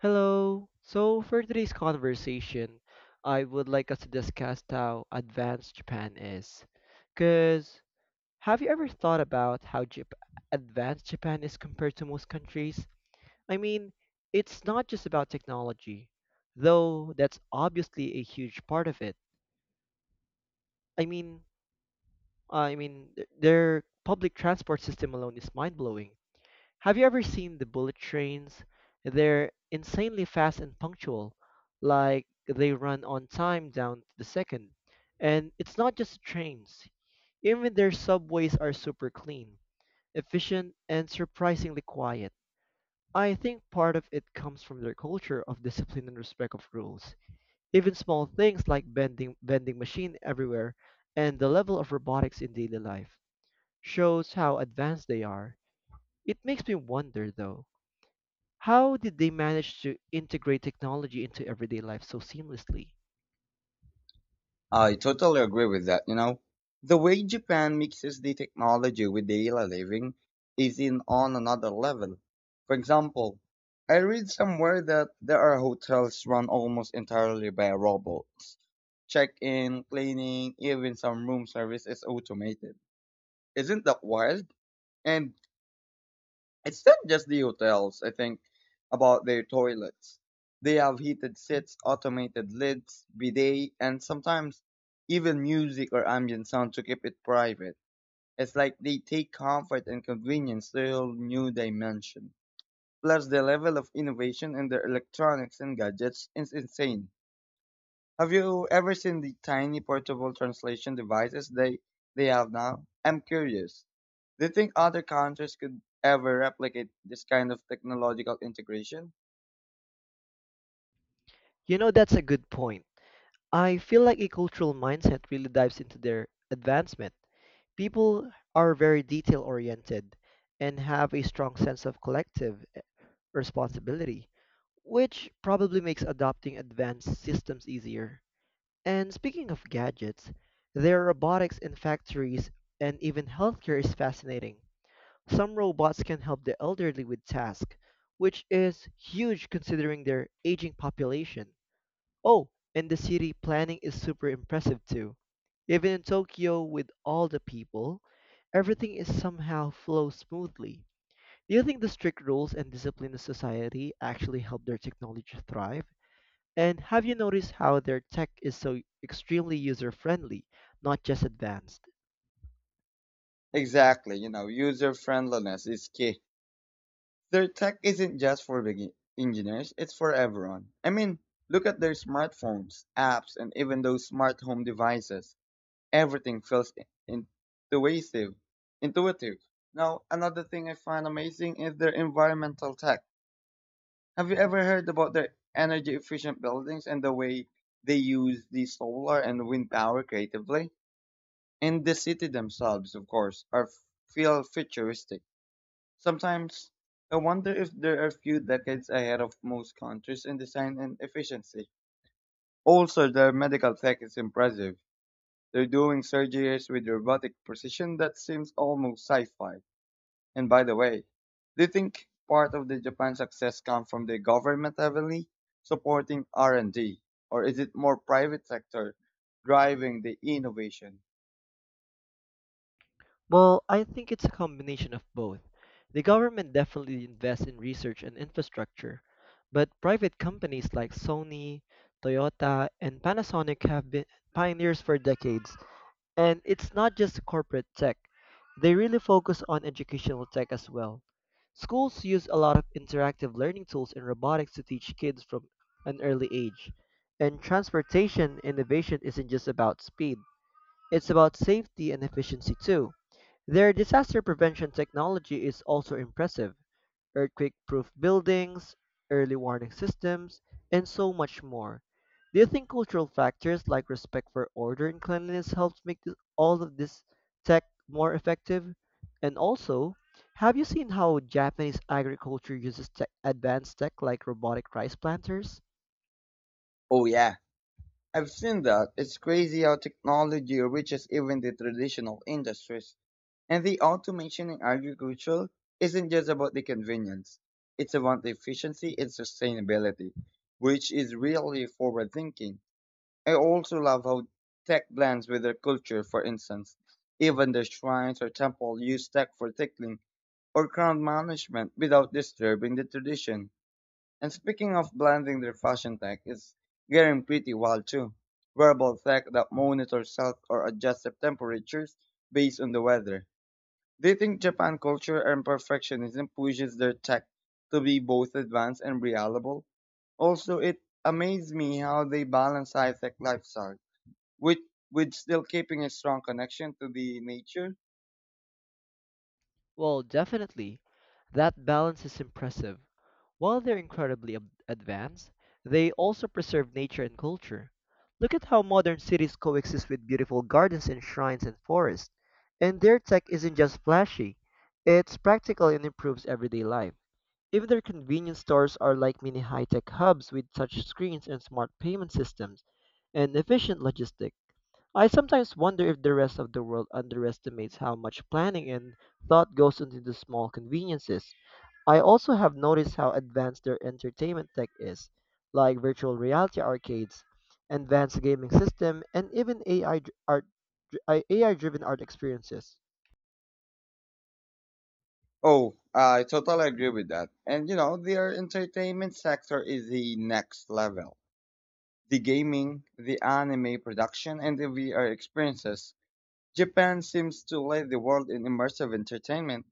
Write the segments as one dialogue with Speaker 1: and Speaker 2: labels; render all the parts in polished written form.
Speaker 1: Hello. So for today's conversation, I would like us to discuss how advanced Japan is. Because have you ever thought about how advanced Japan is compared to most countries? I mean, it's not just about technology, though that's obviously a huge part of it. I mean, their public transport system alone is mind-blowing. Have you ever seen the bullet trains? They're insanely fast and punctual, like they run on time down to the second. And it's not just trains. Even their subways are super clean, efficient, and surprisingly quiet. I think part of it comes from their culture of discipline and respect of rules. Even small things like bending vending machine everywhere and the level of robotics in daily life shows how advanced they are. It makes me wonder though, how did they manage to integrate technology into everyday life so seamlessly?
Speaker 2: I totally agree with that, you know. The way Japan mixes the technology with daily living is in on another level. For example, I read somewhere that there are hotels run almost entirely by robots. Check-in, cleaning, even some room service is automated. Isn't that wild? And it's not just the hotels, I think, about their toilets. They have heated seats, automated lids, bidet, and sometimes even music or ambient sound to keep it private. It's like they take comfort and convenience to a whole new dimension. Plus, the level of innovation in their electronics and gadgets is insane. Have you ever seen the tiny portable translation devices they have now? I'm curious. Do you think other countries could ever replicate this kind of technological integration?
Speaker 1: You know, that's a good point. I feel like a cultural mindset really dives into their advancement. People are very detail oriented and have a strong sense of collective responsibility, which probably makes adopting advanced systems easier. And speaking of gadgets, their robotics in factories and even healthcare is fascinating. Some robots can help the elderly with tasks, which is huge considering their aging population. Oh, and the city planning is super impressive too. Even in Tokyo, with all the people, everything is somehow flows smoothly. Do you think the strict rules and discipline of society actually help their technology thrive? And have you noticed how their tech is so extremely user friendly, not just advanced?
Speaker 2: Exactly, you know, user friendliness is key. Their tech isn't just for engineers, it's for everyone. I mean, look at their smartphones, apps, and even those smart home devices. Everything feels in- intuitive, intuitive. Now, another thing I find amazing is their environmental tech. Have you ever heard about their energy efficient buildings and the way they use the solar and wind power creatively? And the city themselves, of course, are feel futuristic. Sometimes I wonder if there are a few decades ahead of most countries in design and efficiency. Also, their medical tech is impressive. They're doing surgeries with robotic precision that seems almost sci-fi. And by the way, do you think part of the Japan success comes from the government heavily supporting R&D, or is it more private sector driving the innovation?
Speaker 1: Well, I think it's a combination of both. The government definitely invests in research and infrastructure, but private companies like Sony, Toyota, and Panasonic have been pioneers for decades. And it's not just corporate tech, they really focus on educational tech as well. Schools use a lot of interactive learning tools and robotics to teach kids from an early age. And transportation innovation isn't just about speed. It's about safety and efficiency too. Their disaster prevention technology is also impressive. Earthquake proof buildings, early warning systems, and so much more. Do you think cultural factors like respect for order and cleanliness helps make all of this tech more effective? And also, have you seen how Japanese agriculture uses tech, advanced tech like robotic rice planters?
Speaker 2: Oh yeah, I've seen that. It's crazy how technology reaches even the traditional industries. And the automation in agriculture isn't just about the convenience. It's about the efficiency and sustainability, which is really forward thinking. I also love how tech blends with their culture, for instance. Even their shrines or temple use tech for tickling or crown management without disturbing the tradition. And speaking of blending their fashion tech, it's getting pretty wild too. Wearable tech that monitors health or adjusts the temperatures based on the weather. They think Japan culture and perfectionism pushes their tech to be both advanced and reliable? Also, it amazed me how they balance high-tech lifestyle with still keeping a strong connection to the nature.
Speaker 1: Well, definitely. That balance is impressive. While they're incredibly advanced, they also preserve nature and culture. Look at how modern cities coexist with beautiful gardens and shrines and forests. And their tech isn't just flashy, it's practical and improves everyday life. Even their convenience stores are like mini high tech hubs with touch screens and smart payment systems and efficient logistics. I sometimes wonder if the rest of the world underestimates how much planning and thought goes into the small conveniences. I also have noticed how advanced their entertainment tech is, like virtual reality arcades, advanced gaming system, and even AI driven art experiences.
Speaker 2: Oh, I totally agree with that. And you know, their entertainment sector is the next level. The gaming, the anime production, and the VR experiences. Japan seems to lead the world in immersive entertainment,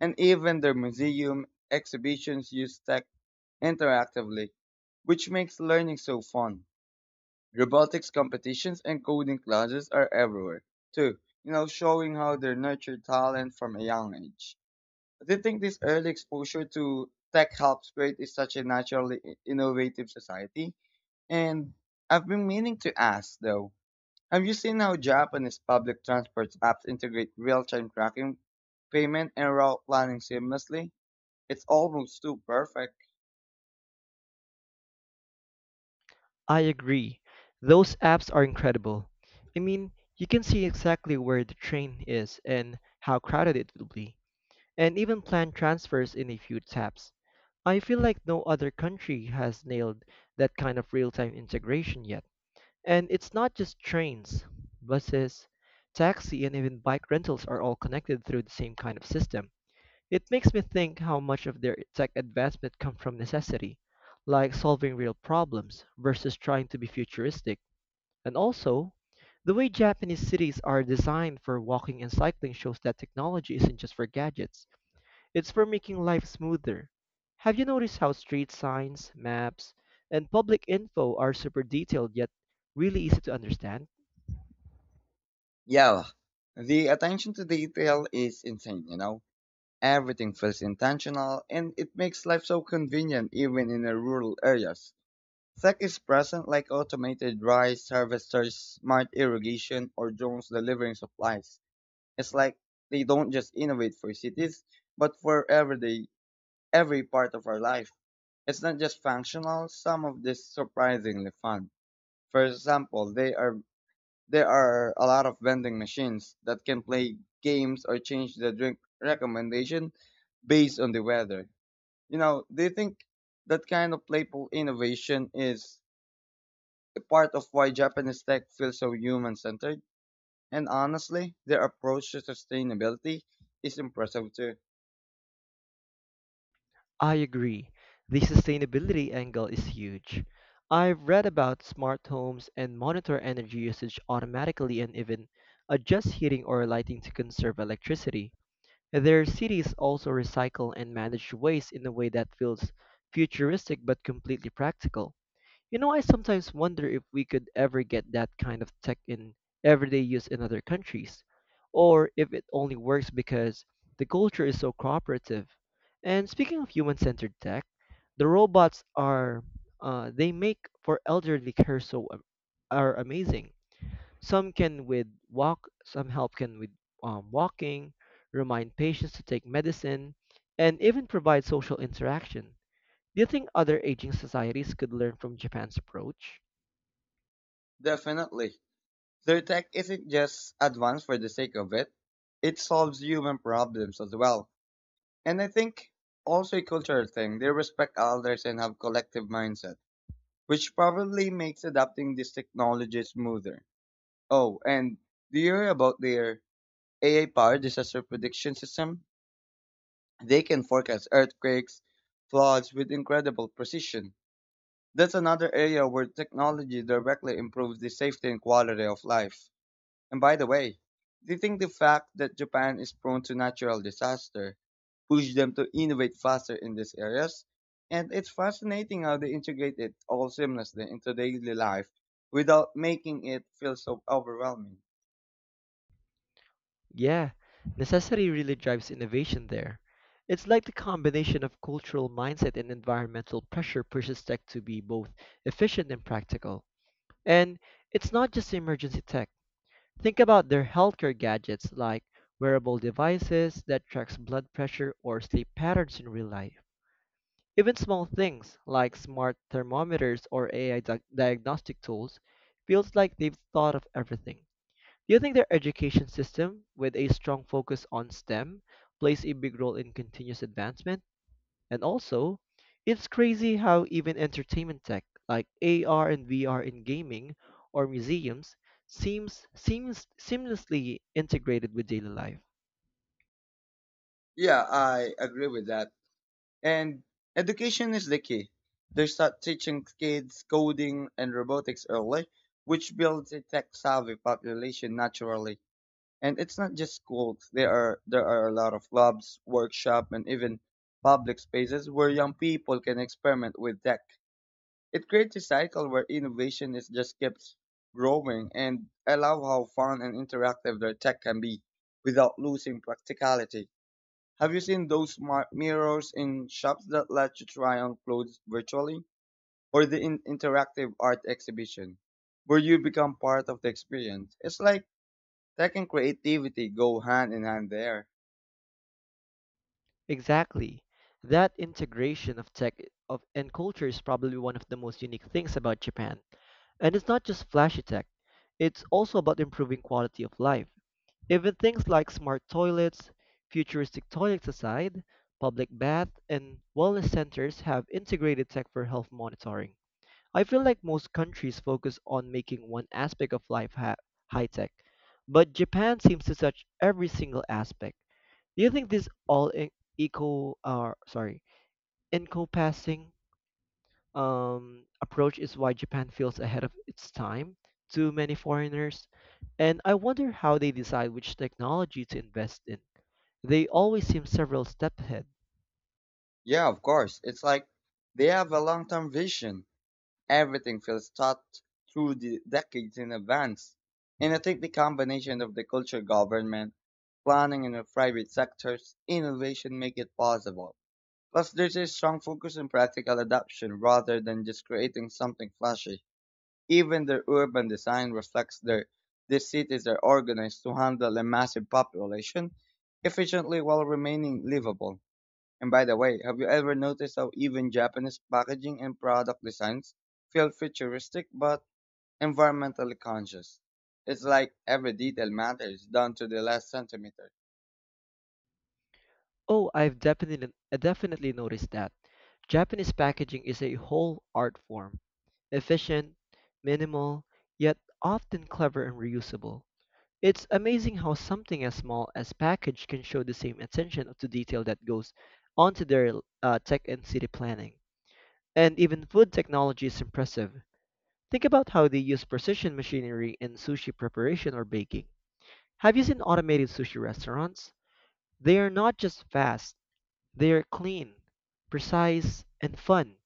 Speaker 2: and even their museum exhibitions use tech interactively, which makes learning so fun. Robotics competitions and coding classes are everywhere, too, you know, showing how they nurture talent from a young age. Do you think this early exposure to tech helps create is such a naturally innovative society? And I've been meaning to ask, though, have you seen how Japanese public transport apps integrate real-time tracking, payment, and route planning seamlessly? It's almost too perfect.
Speaker 1: I agree. Those apps are incredible. I mean, you can see exactly where the train is and how crowded it will be, and even plan transfers in a few taps. I feel like no other country has nailed that kind of real time integration yet. And it's not just trains, buses, taxi, and even bike rentals are all connected through the same kind of system. It makes me think how much of their tech advancement comes from necessity, like solving real problems versus trying to be futuristic. And also, the way Japanese cities are designed for walking and cycling shows that technology isn't just for gadgets. It's for making life smoother. Have you noticed how street signs, maps, and public info are super detailed yet really easy to understand?
Speaker 2: Yeah, the attention to detail is insane, you know? Everything feels intentional and it makes life so convenient even in the rural areas. Tech is present like automated rice harvesters, smart irrigation, or drones delivering supplies. It's like they don't just innovate for cities, but for everyday, every part of our life. It's not just functional, some of this surprisingly fun. For example, they are there are a lot of vending machines that can play games or change the drink recommendation based on the weather. You know, do you think that kind of playful innovation is a part of why Japanese tech feels so human centered? And honestly, their approach to sustainability is impressive too.
Speaker 1: I agree. The sustainability angle is huge. I've read about smart homes and monitor energy usage automatically and even adjust heating or lighting to conserve electricity. Their cities also recycle and manage waste in a way that feels futuristic but completely practical. You know, I sometimes wonder if we could ever get that kind of tech in everyday use in other countries, or if it only works because the culture is so cooperative. And speaking of human-centered tech, the robots are they make for elderly care so are amazing. Some can with walk, some help can with walking, remind patients to take medicine, and even provide social interaction. Do you think other aging societies could learn from Japan's approach?
Speaker 2: Definitely. Their tech isn't just advanced for the sake of it, it solves human problems as well. And I think also a cultural thing, they respect others and have collective mindset, which probably makes adapting this technology smoother. Oh, and do you hear about their AI-powered disaster prediction system, they can forecast earthquakes, floods with incredible precision. That's another area where technology directly improves the safety and quality of life. And by the way, do you think the fact that Japan is prone to natural disaster pushed them to innovate faster in these areas? And it's fascinating how they integrate it all seamlessly into daily life without making it feel so overwhelming.
Speaker 1: Yeah, necessity really drives innovation there. It's like the combination of cultural mindset and environmental pressure pushes tech to be both efficient and practical. And it's not just emergency tech. Think about their healthcare gadgets like wearable devices that tracks blood pressure or sleep patterns in real life. Even small things like smart thermometers or diagnostic tools feels like they've thought of everything. Do you think their education system, with a strong focus on STEM, plays a big role in continuous advancement? And also, it's crazy how even entertainment tech like AR and VR in gaming or museums seems seamlessly integrated with daily life.
Speaker 2: Yeah, I agree with that. And education is the key. They start teaching kids coding and robotics early, which builds a tech-savvy population naturally. And it's not just schools. There are a lot of labs, workshops, and even public spaces where young people can experiment with tech. It creates a cycle where innovation is just keeps growing, and I love how fun and interactive their tech can be without losing practicality. Have you seen those mirrors in shops that let you try on clothes virtually? Or the interactive art exhibition, where you become part of the experience? It's like tech and creativity go hand in hand there.
Speaker 1: Exactly. That integration of tech of and culture is probably one of the most unique things about Japan. And it's not just flashy tech. It's also about improving quality of life. Even things like smart toilets, futuristic toilets aside, public bath and wellness centers have integrated tech for health monitoring. I feel like most countries focus on making one aspect of life high tech, but Japan seems to touch every single aspect. Do you think this all e- eco or sorry, encompassing approach is why Japan feels ahead of its time to many foreigners? And I wonder how they decide which technology to invest in. They always seem several steps ahead.
Speaker 2: Yeah, of course. It's like they have a long term vision. Everything feels thought through the decades in advance. And I think the combination of the culture government, planning and the private sectors, innovation make it possible. Plus, there's a strong focus on practical adaptation rather than just creating something flashy. Even their urban design reflects their these cities are organized to handle a massive population efficiently while remaining livable. And by the way, have you ever noticed how even Japanese packaging and product designs feel futuristic but environmentally conscious? It's like every detail matters down to the last centimeter.
Speaker 1: I definitely noticed that. Japanese packaging is a whole art form, efficient, minimal, yet often clever and reusable. It's amazing how something as small as package can show the same attention to detail that goes onto their tech and city planning. And even food technology is impressive. Think about how they use precision machinery in sushi preparation or baking. Have you seen automated sushi restaurants? They are not just fast, they are clean, precise, and fun.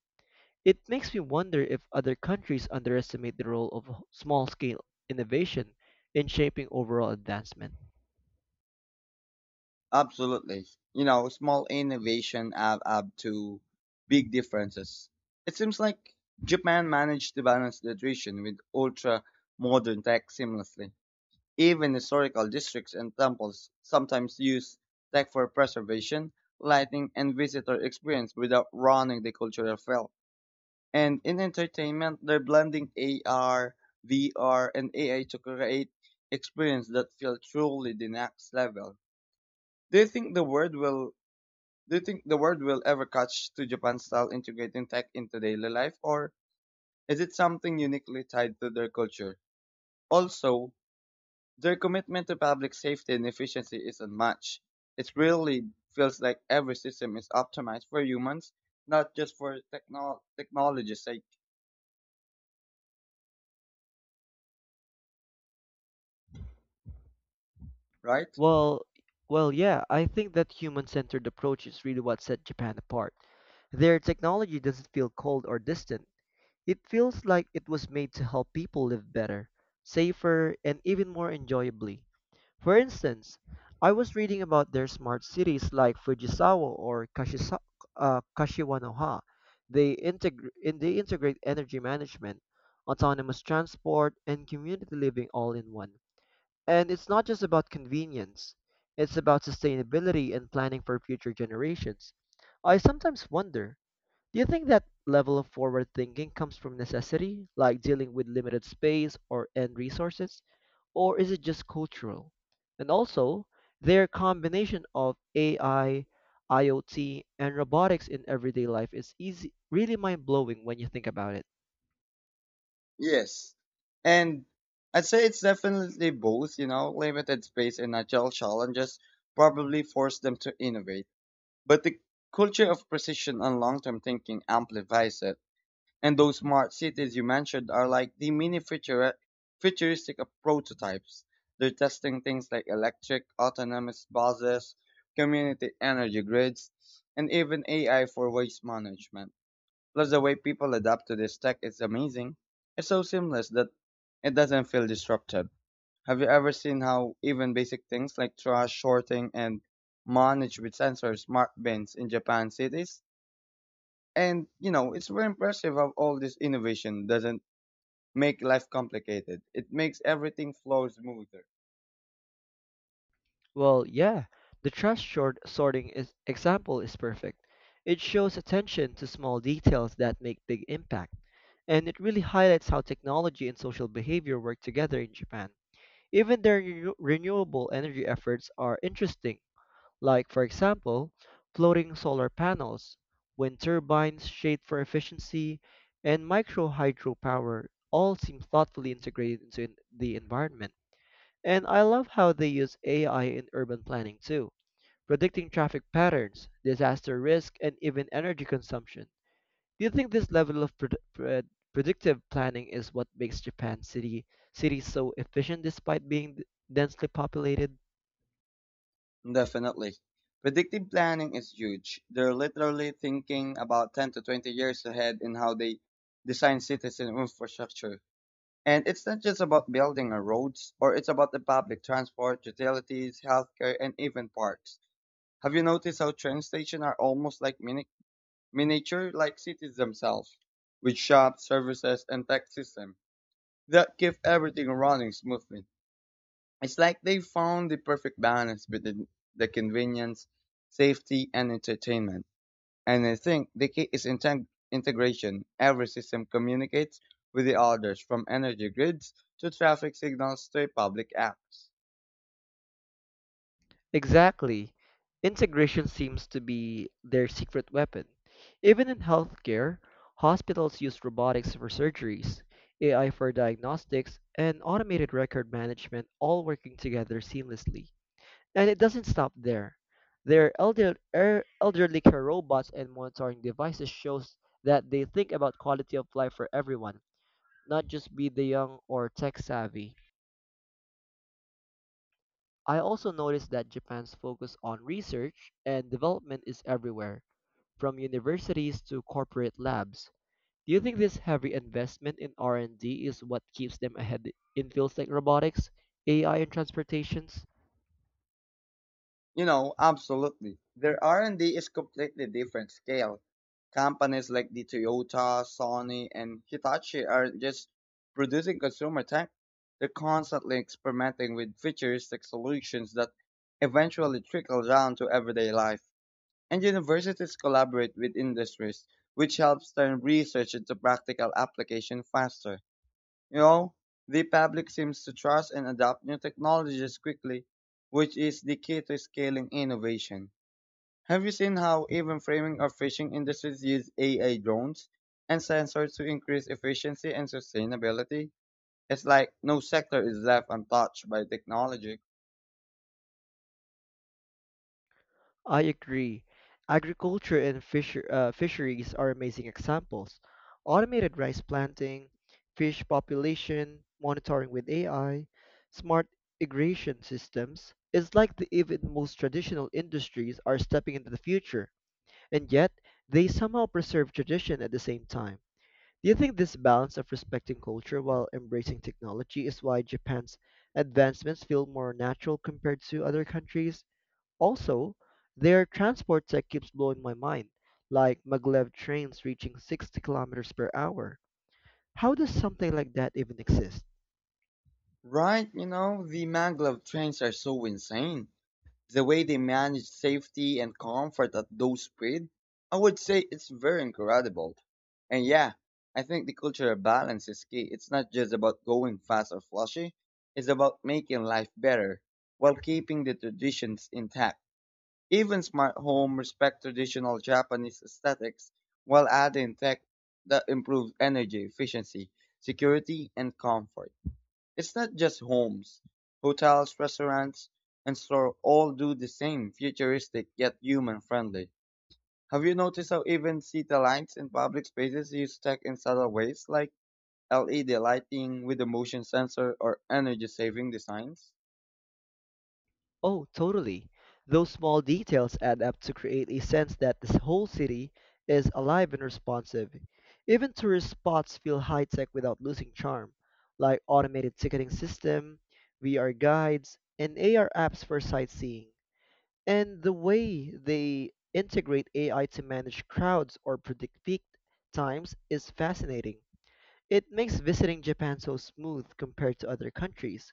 Speaker 1: It makes me wonder if other countries underestimate the role of small scale innovation in shaping overall advancement.
Speaker 2: Absolutely. You know, small innovation add up to big differences. It seems like Japan managed to balance tradition with ultra modern tech seamlessly. Even historical districts and temples sometimes use tech for preservation, lighting, and visitor experience without ruining the cultural feel. And in entertainment, they're blending AR, VR, and AI to create experience that feel truly the next level. Do you think the world will do you think the world will ever catch to Japan style integrating tech into daily life, or is it something uniquely tied to their culture? Also, their commitment to public safety and efficiency is unmatched. It really feels like every system is optimized for humans, not just for technology's sake, right?
Speaker 1: Well, well, yeah, I think that human-centered approach is really what set Japan apart. Their technology doesn't feel cold or distant. It feels like it was made to help people live better, safer, and even more enjoyably. For instance, I was reading about their smart cities like Fujisawa or Kashiwanoha. And they integrate energy management, autonomous transport, and community living all in one. And it's not just about convenience, it's about sustainability and planning for future generations. I sometimes wonder, do you think that level of forward thinking comes from necessity, like dealing with limited space or end resources? Or is it just cultural? And also, their combination of AI, IoT, and robotics in everyday life is easy, really mind blowing when you think about it.
Speaker 2: Yes. And I'd say it's definitely both, you know, limited space and natural challenges probably force them to innovate. But the culture of precision and long-term thinking amplifies it. And those smart cities you mentioned are like the mini futuristic of prototypes. They're testing things like electric, autonomous buses, community energy grids, and even AI for waste management. Plus, the way people adapt to this tech is amazing. It's so seamless that it doesn't feel disruptive. Have you ever seen how even basic things like trash sorting and managed with sensors smart bins in Japan cities? And you know, it's very impressive how all this innovation doesn't make life complicated. It makes everything flow smoother.
Speaker 1: Well, yeah, the trash short sorting is, example is perfect. It shows attention to small details that make big impact, and it really highlights how technology and social behavior work together in Japan. Even their renewable energy efforts are interesting, like, for example, floating solar panels, wind turbines, shade for efficiency, and micro hydropower all seem thoughtfully integrated into the environment. And I love how they use AI in urban planning too, predicting traffic patterns, disaster risk, and even energy consumption. Do you think this level of predictive planning is what makes Japan city cities so efficient despite being densely populated?
Speaker 2: Definitely. Predictive planning is huge. They're literally thinking about 10 to 20 years ahead in how they design cities and infrastructure. And it's not just about building or roads, or it's about the public transport, utilities, healthcare, and even parks. Have you noticed how train stations are almost like miniature like cities themselves, with shops, services, and tech systems that keep everything running smoothly? It's like they found the perfect balance between the convenience, safety, and entertainment. And I think the key is integration. Every system communicates with the others, from energy grids to traffic signals to public apps.
Speaker 1: Exactly. Integration seems to be their secret weapon. Even in healthcare, hospitals use robotics for surgeries, AI for diagnostics, and automated record management all working together seamlessly. And it doesn't stop there. Their elderly care robots and monitoring devices shows that they think about quality of life for everyone, not just be the young or tech savvy. I also noticed that Japan's focus on research and development is everywhere, from universities to corporate labs. Do you think this heavy investment in R&D is what keeps them ahead in fields like robotics, AI, and transportations?
Speaker 2: You know, absolutely. Their R&D is completely different scale. Companies like the Toyota, Sony, and Hitachi are just producing consumer tech. They're constantly experimenting with futuristic solutions that eventually trickle down to everyday life. And universities collaborate with industries, which helps turn research into practical application faster. You know, the public seems to trust and adopt new technologies quickly, which is the key to scaling innovation. Have you seen how even framing or fishing industries use AI drones and sensors to increase efficiency and sustainability? It's like no sector is left untouched by technology.
Speaker 1: I agree. Agriculture and fisheries are amazing examples. Automated rice planting, fish population monitoring with AI, smart irrigation systems. It's like the even most traditional industries are stepping into the future, and yet they somehow preserve tradition at the same time. Do you think this balance of respecting culture while embracing technology is why Japan's advancements feel more natural compared to other countries? Also, their transport tech keeps blowing my mind, like maglev trains reaching 60 kilometers per hour. How does something like that even exist?
Speaker 2: Right, you know, the maglev trains are so insane. The way they manage safety and comfort at those speed, I would say it's very incredible. And yeah, I think the cultural balance is key. It's not just about going fast or flashy, it's about making life better while keeping the traditions intact. Even smart home respect traditional Japanese aesthetics while adding tech that improves energy efficiency, security, and comfort. It's not just homes. Hotels, restaurants, and stores all do the same, futuristic yet human friendly. Have you noticed how even city lights in public spaces use tech in subtle ways like LED lighting with a motion sensor or energy saving designs?
Speaker 1: Oh, totally. Those small details add up to create a sense that this whole city is alive and responsive. Even tourist spots feel high tech without losing charm, like automated ticketing system, VR guides, and AR apps for sightseeing. And the way they integrate AI to manage crowds or predict peak times is fascinating. It makes visiting Japan so smooth compared to other countries.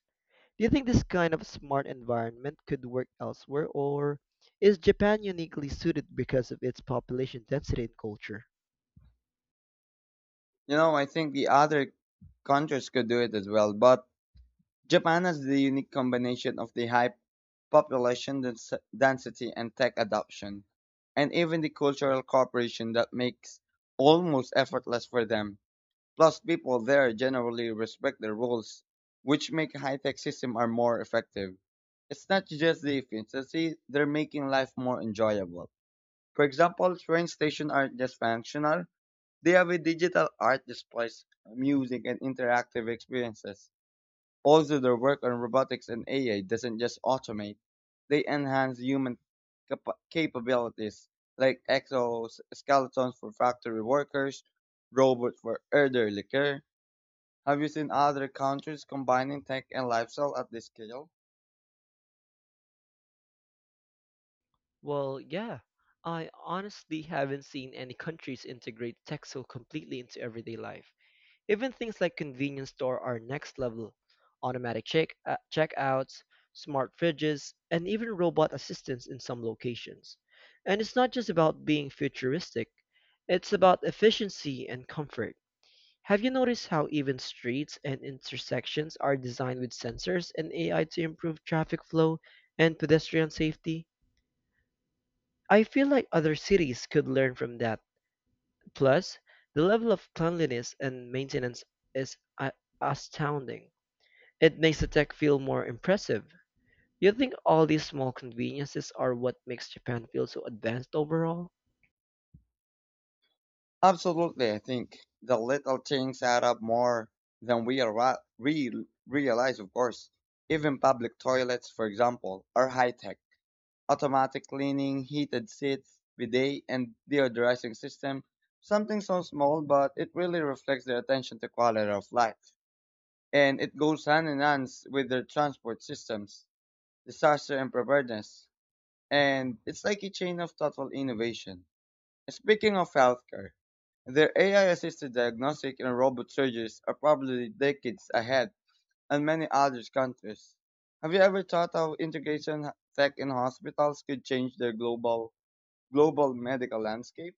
Speaker 1: Do you think this kind of smart environment could work elsewhere, or is Japan uniquely suited because of its population density and culture?
Speaker 2: You know, I think the other countries could do it as well, but Japan has the unique combination of the high population density and tech adoption, and even the cultural cooperation that makes almost effortless for them. Plus, people there generally respect their rules, which make high-tech systems are more effective. It's not just the efficiency; they're making life more enjoyable. For example, train stations aren't just functional; they have a digital art displays, music, and interactive experiences also, their work on robotics and AI doesn't just automate, they enhance human capabilities like exoskeletons for factory workers, robots for elderly care. Have you seen other countries combining tech and lifestyle at this scale?
Speaker 1: Well, yeah. I honestly haven't seen any countries integrate tech so completely into everyday life. Even things like convenience store are next level. Automatic checkouts, smart fridges, and even robot assistants in some locations. And it's not just about being futuristic, it's about efficiency and comfort. Have you noticed how even streets and intersections are designed with sensors and AI to improve traffic flow and pedestrian safety? I feel like other cities could learn from that. Plus, the level of cleanliness and maintenance is astounding. It makes the tech feel more impressive. You think all these small conveniences are what makes Japan feel so advanced overall?
Speaker 2: Absolutely, I think the little things add up more than we are realize, of course. Even public toilets, for example, are high tech automatic cleaning, heated seats, bidet, and deodorizing system. Something so small, but it really reflects their attention to quality of life. And it goes hand in hand with their transport systems, disaster and preparedness. And it's like a chain of thoughtful innovation. Speaking of healthcare, their AI assisted diagnostic and robot surgeries are probably decades ahead in many other countries. Have you ever thought how integration tech in hospitals could change their global medical landscape?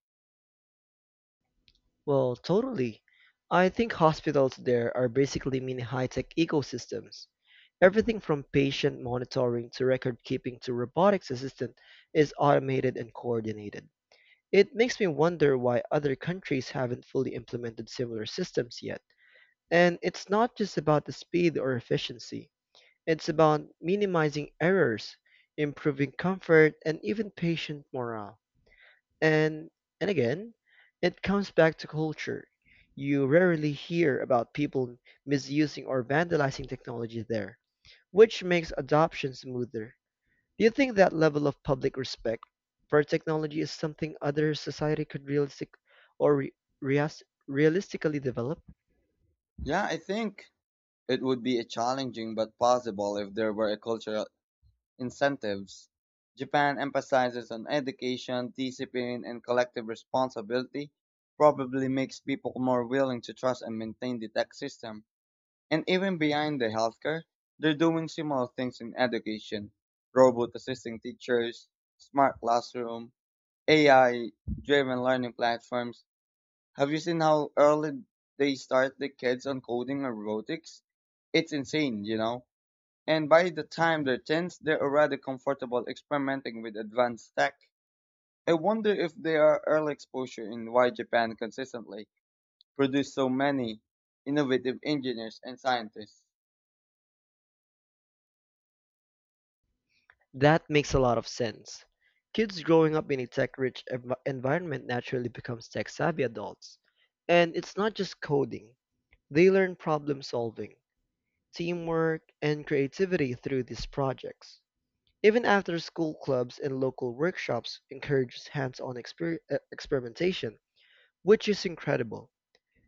Speaker 1: Well, totally. I think hospitals there are basically mini high-tech ecosystems. Everything from patient monitoring to record keeping to robotics assistant is automated and coordinated. It makes me wonder why other countries haven't fully implemented similar systems yet. And it's not just about the speed or efficiency. It's about minimizing errors, improving comfort, and even patient morale. And and again, it comes back to culture. You rarely hear about people misusing or vandalizing technology there, which makes adoption smoother. Do you think that level of public respect for technology is something other society could or re- realistically develop?
Speaker 2: Yeah, I think it would be a challenging but possible if there were a cultural incentives. Japan emphasizes on education, discipline, and collective responsibility, probably makes people more willing to trust and maintain the tech system. And even behind the healthcare, they're doing similar things in education. Robot assisting teachers, smart classroom, AI driven learning platforms, have you seen how early they start the kids on coding or robotics? It's insane, you know. And by the time they're teens, they're already comfortable experimenting with advanced tech. I wonder if their early exposure in why Japan consistently produced so many innovative engineers and scientists.
Speaker 1: That makes a lot of sense. Kids growing up in a environment naturally becomes tech-savvy adults. And it's not just coding. They learn problem solving, teamwork, and creativity through these projects. Even after school clubs and local workshops encourages experimentation, which is incredible.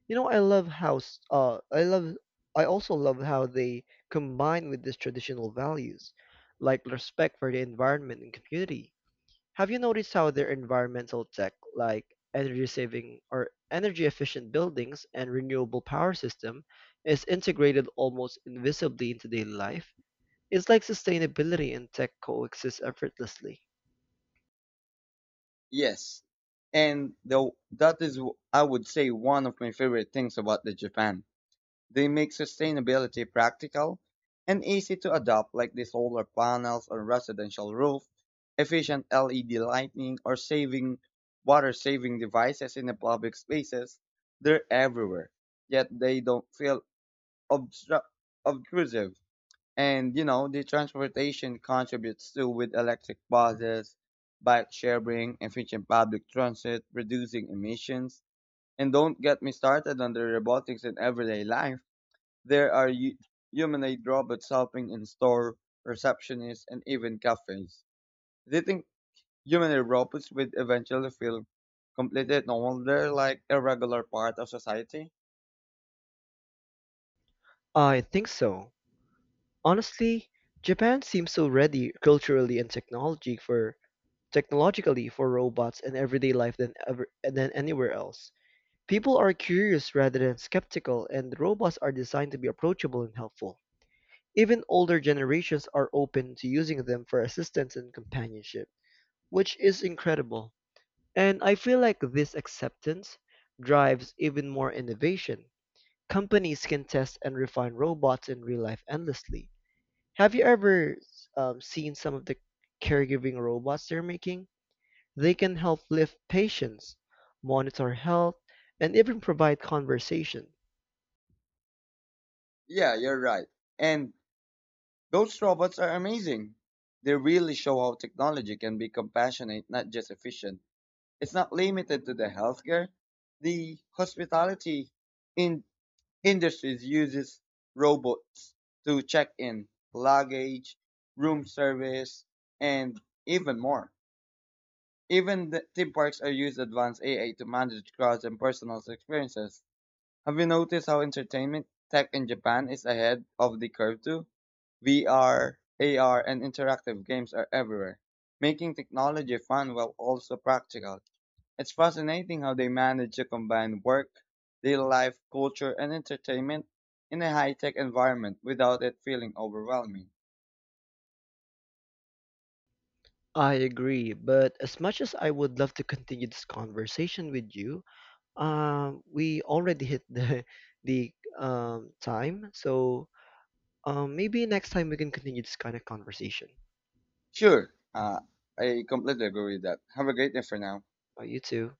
Speaker 1: You know, I also love how they combine with these traditional values, like respect for the environment and community. Have you noticed how their environmental tech, like energy saving or energy efficient buildings and renewable power system, is integrated almost invisibly into daily life? It's like sustainability and tech coexist effortlessly.
Speaker 2: Yes, and though that is, I would say, one of my favorite things about the Japan. They make sustainability practical and easy to adopt like the solar panels on residential roof, efficient LED lighting or saving water saving devices in the public spaces. They're everywhere, yet they don't feel obstru- obtrusive. And you know, the transportation contributes to with electric buses, bike sharing, efficient public transit, reducing emissions. And don't get me started on the robotics in everyday life there are humanoid robots helping in store, receptionists, and even cafes. They think humanoid robots would eventually feel completely normal. They're like a regular part of society.
Speaker 1: I think so. Honestly, Japan seems so ready culturally and technology for technologically for robots and everyday life than anywhere else. People are curious rather than skeptical, and robots are designed to be approachable and helpful. Even older generations are open to using them for assistance and companionship, which is incredible. And I feel like this acceptance drives even more innovation. Companies can test and refine robots in real life endlessly. Have you ever seen some of the caregiving robots they're making? They can help lift patients, monitor health, and even provide conversation.
Speaker 2: Yeah, you're right. And those robots are amazing. They really show how technology can be compassionate, not just efficient. It's not limited to the healthcare, the hospitality, in industries uses robots to check in luggage, room service, and even more. Even the theme parks are used advanced AI to manage crowds and personal experiences. Have you noticed how entertainment tech in Japan is ahead of the curve too? VR, AR, and interactive games are everywhere, making technology fun while also practical. It's fascinating how they manage to combine work, daily life, culture, and entertainment in a high-tech environment without it feeling overwhelming.
Speaker 1: I agree, but as much as I would love to continue this conversation with you, we already hit the the time, so maybe next time we can continue this kind of conversation.
Speaker 2: Sure, I completely agree with that. Have a great day for now.
Speaker 1: You too.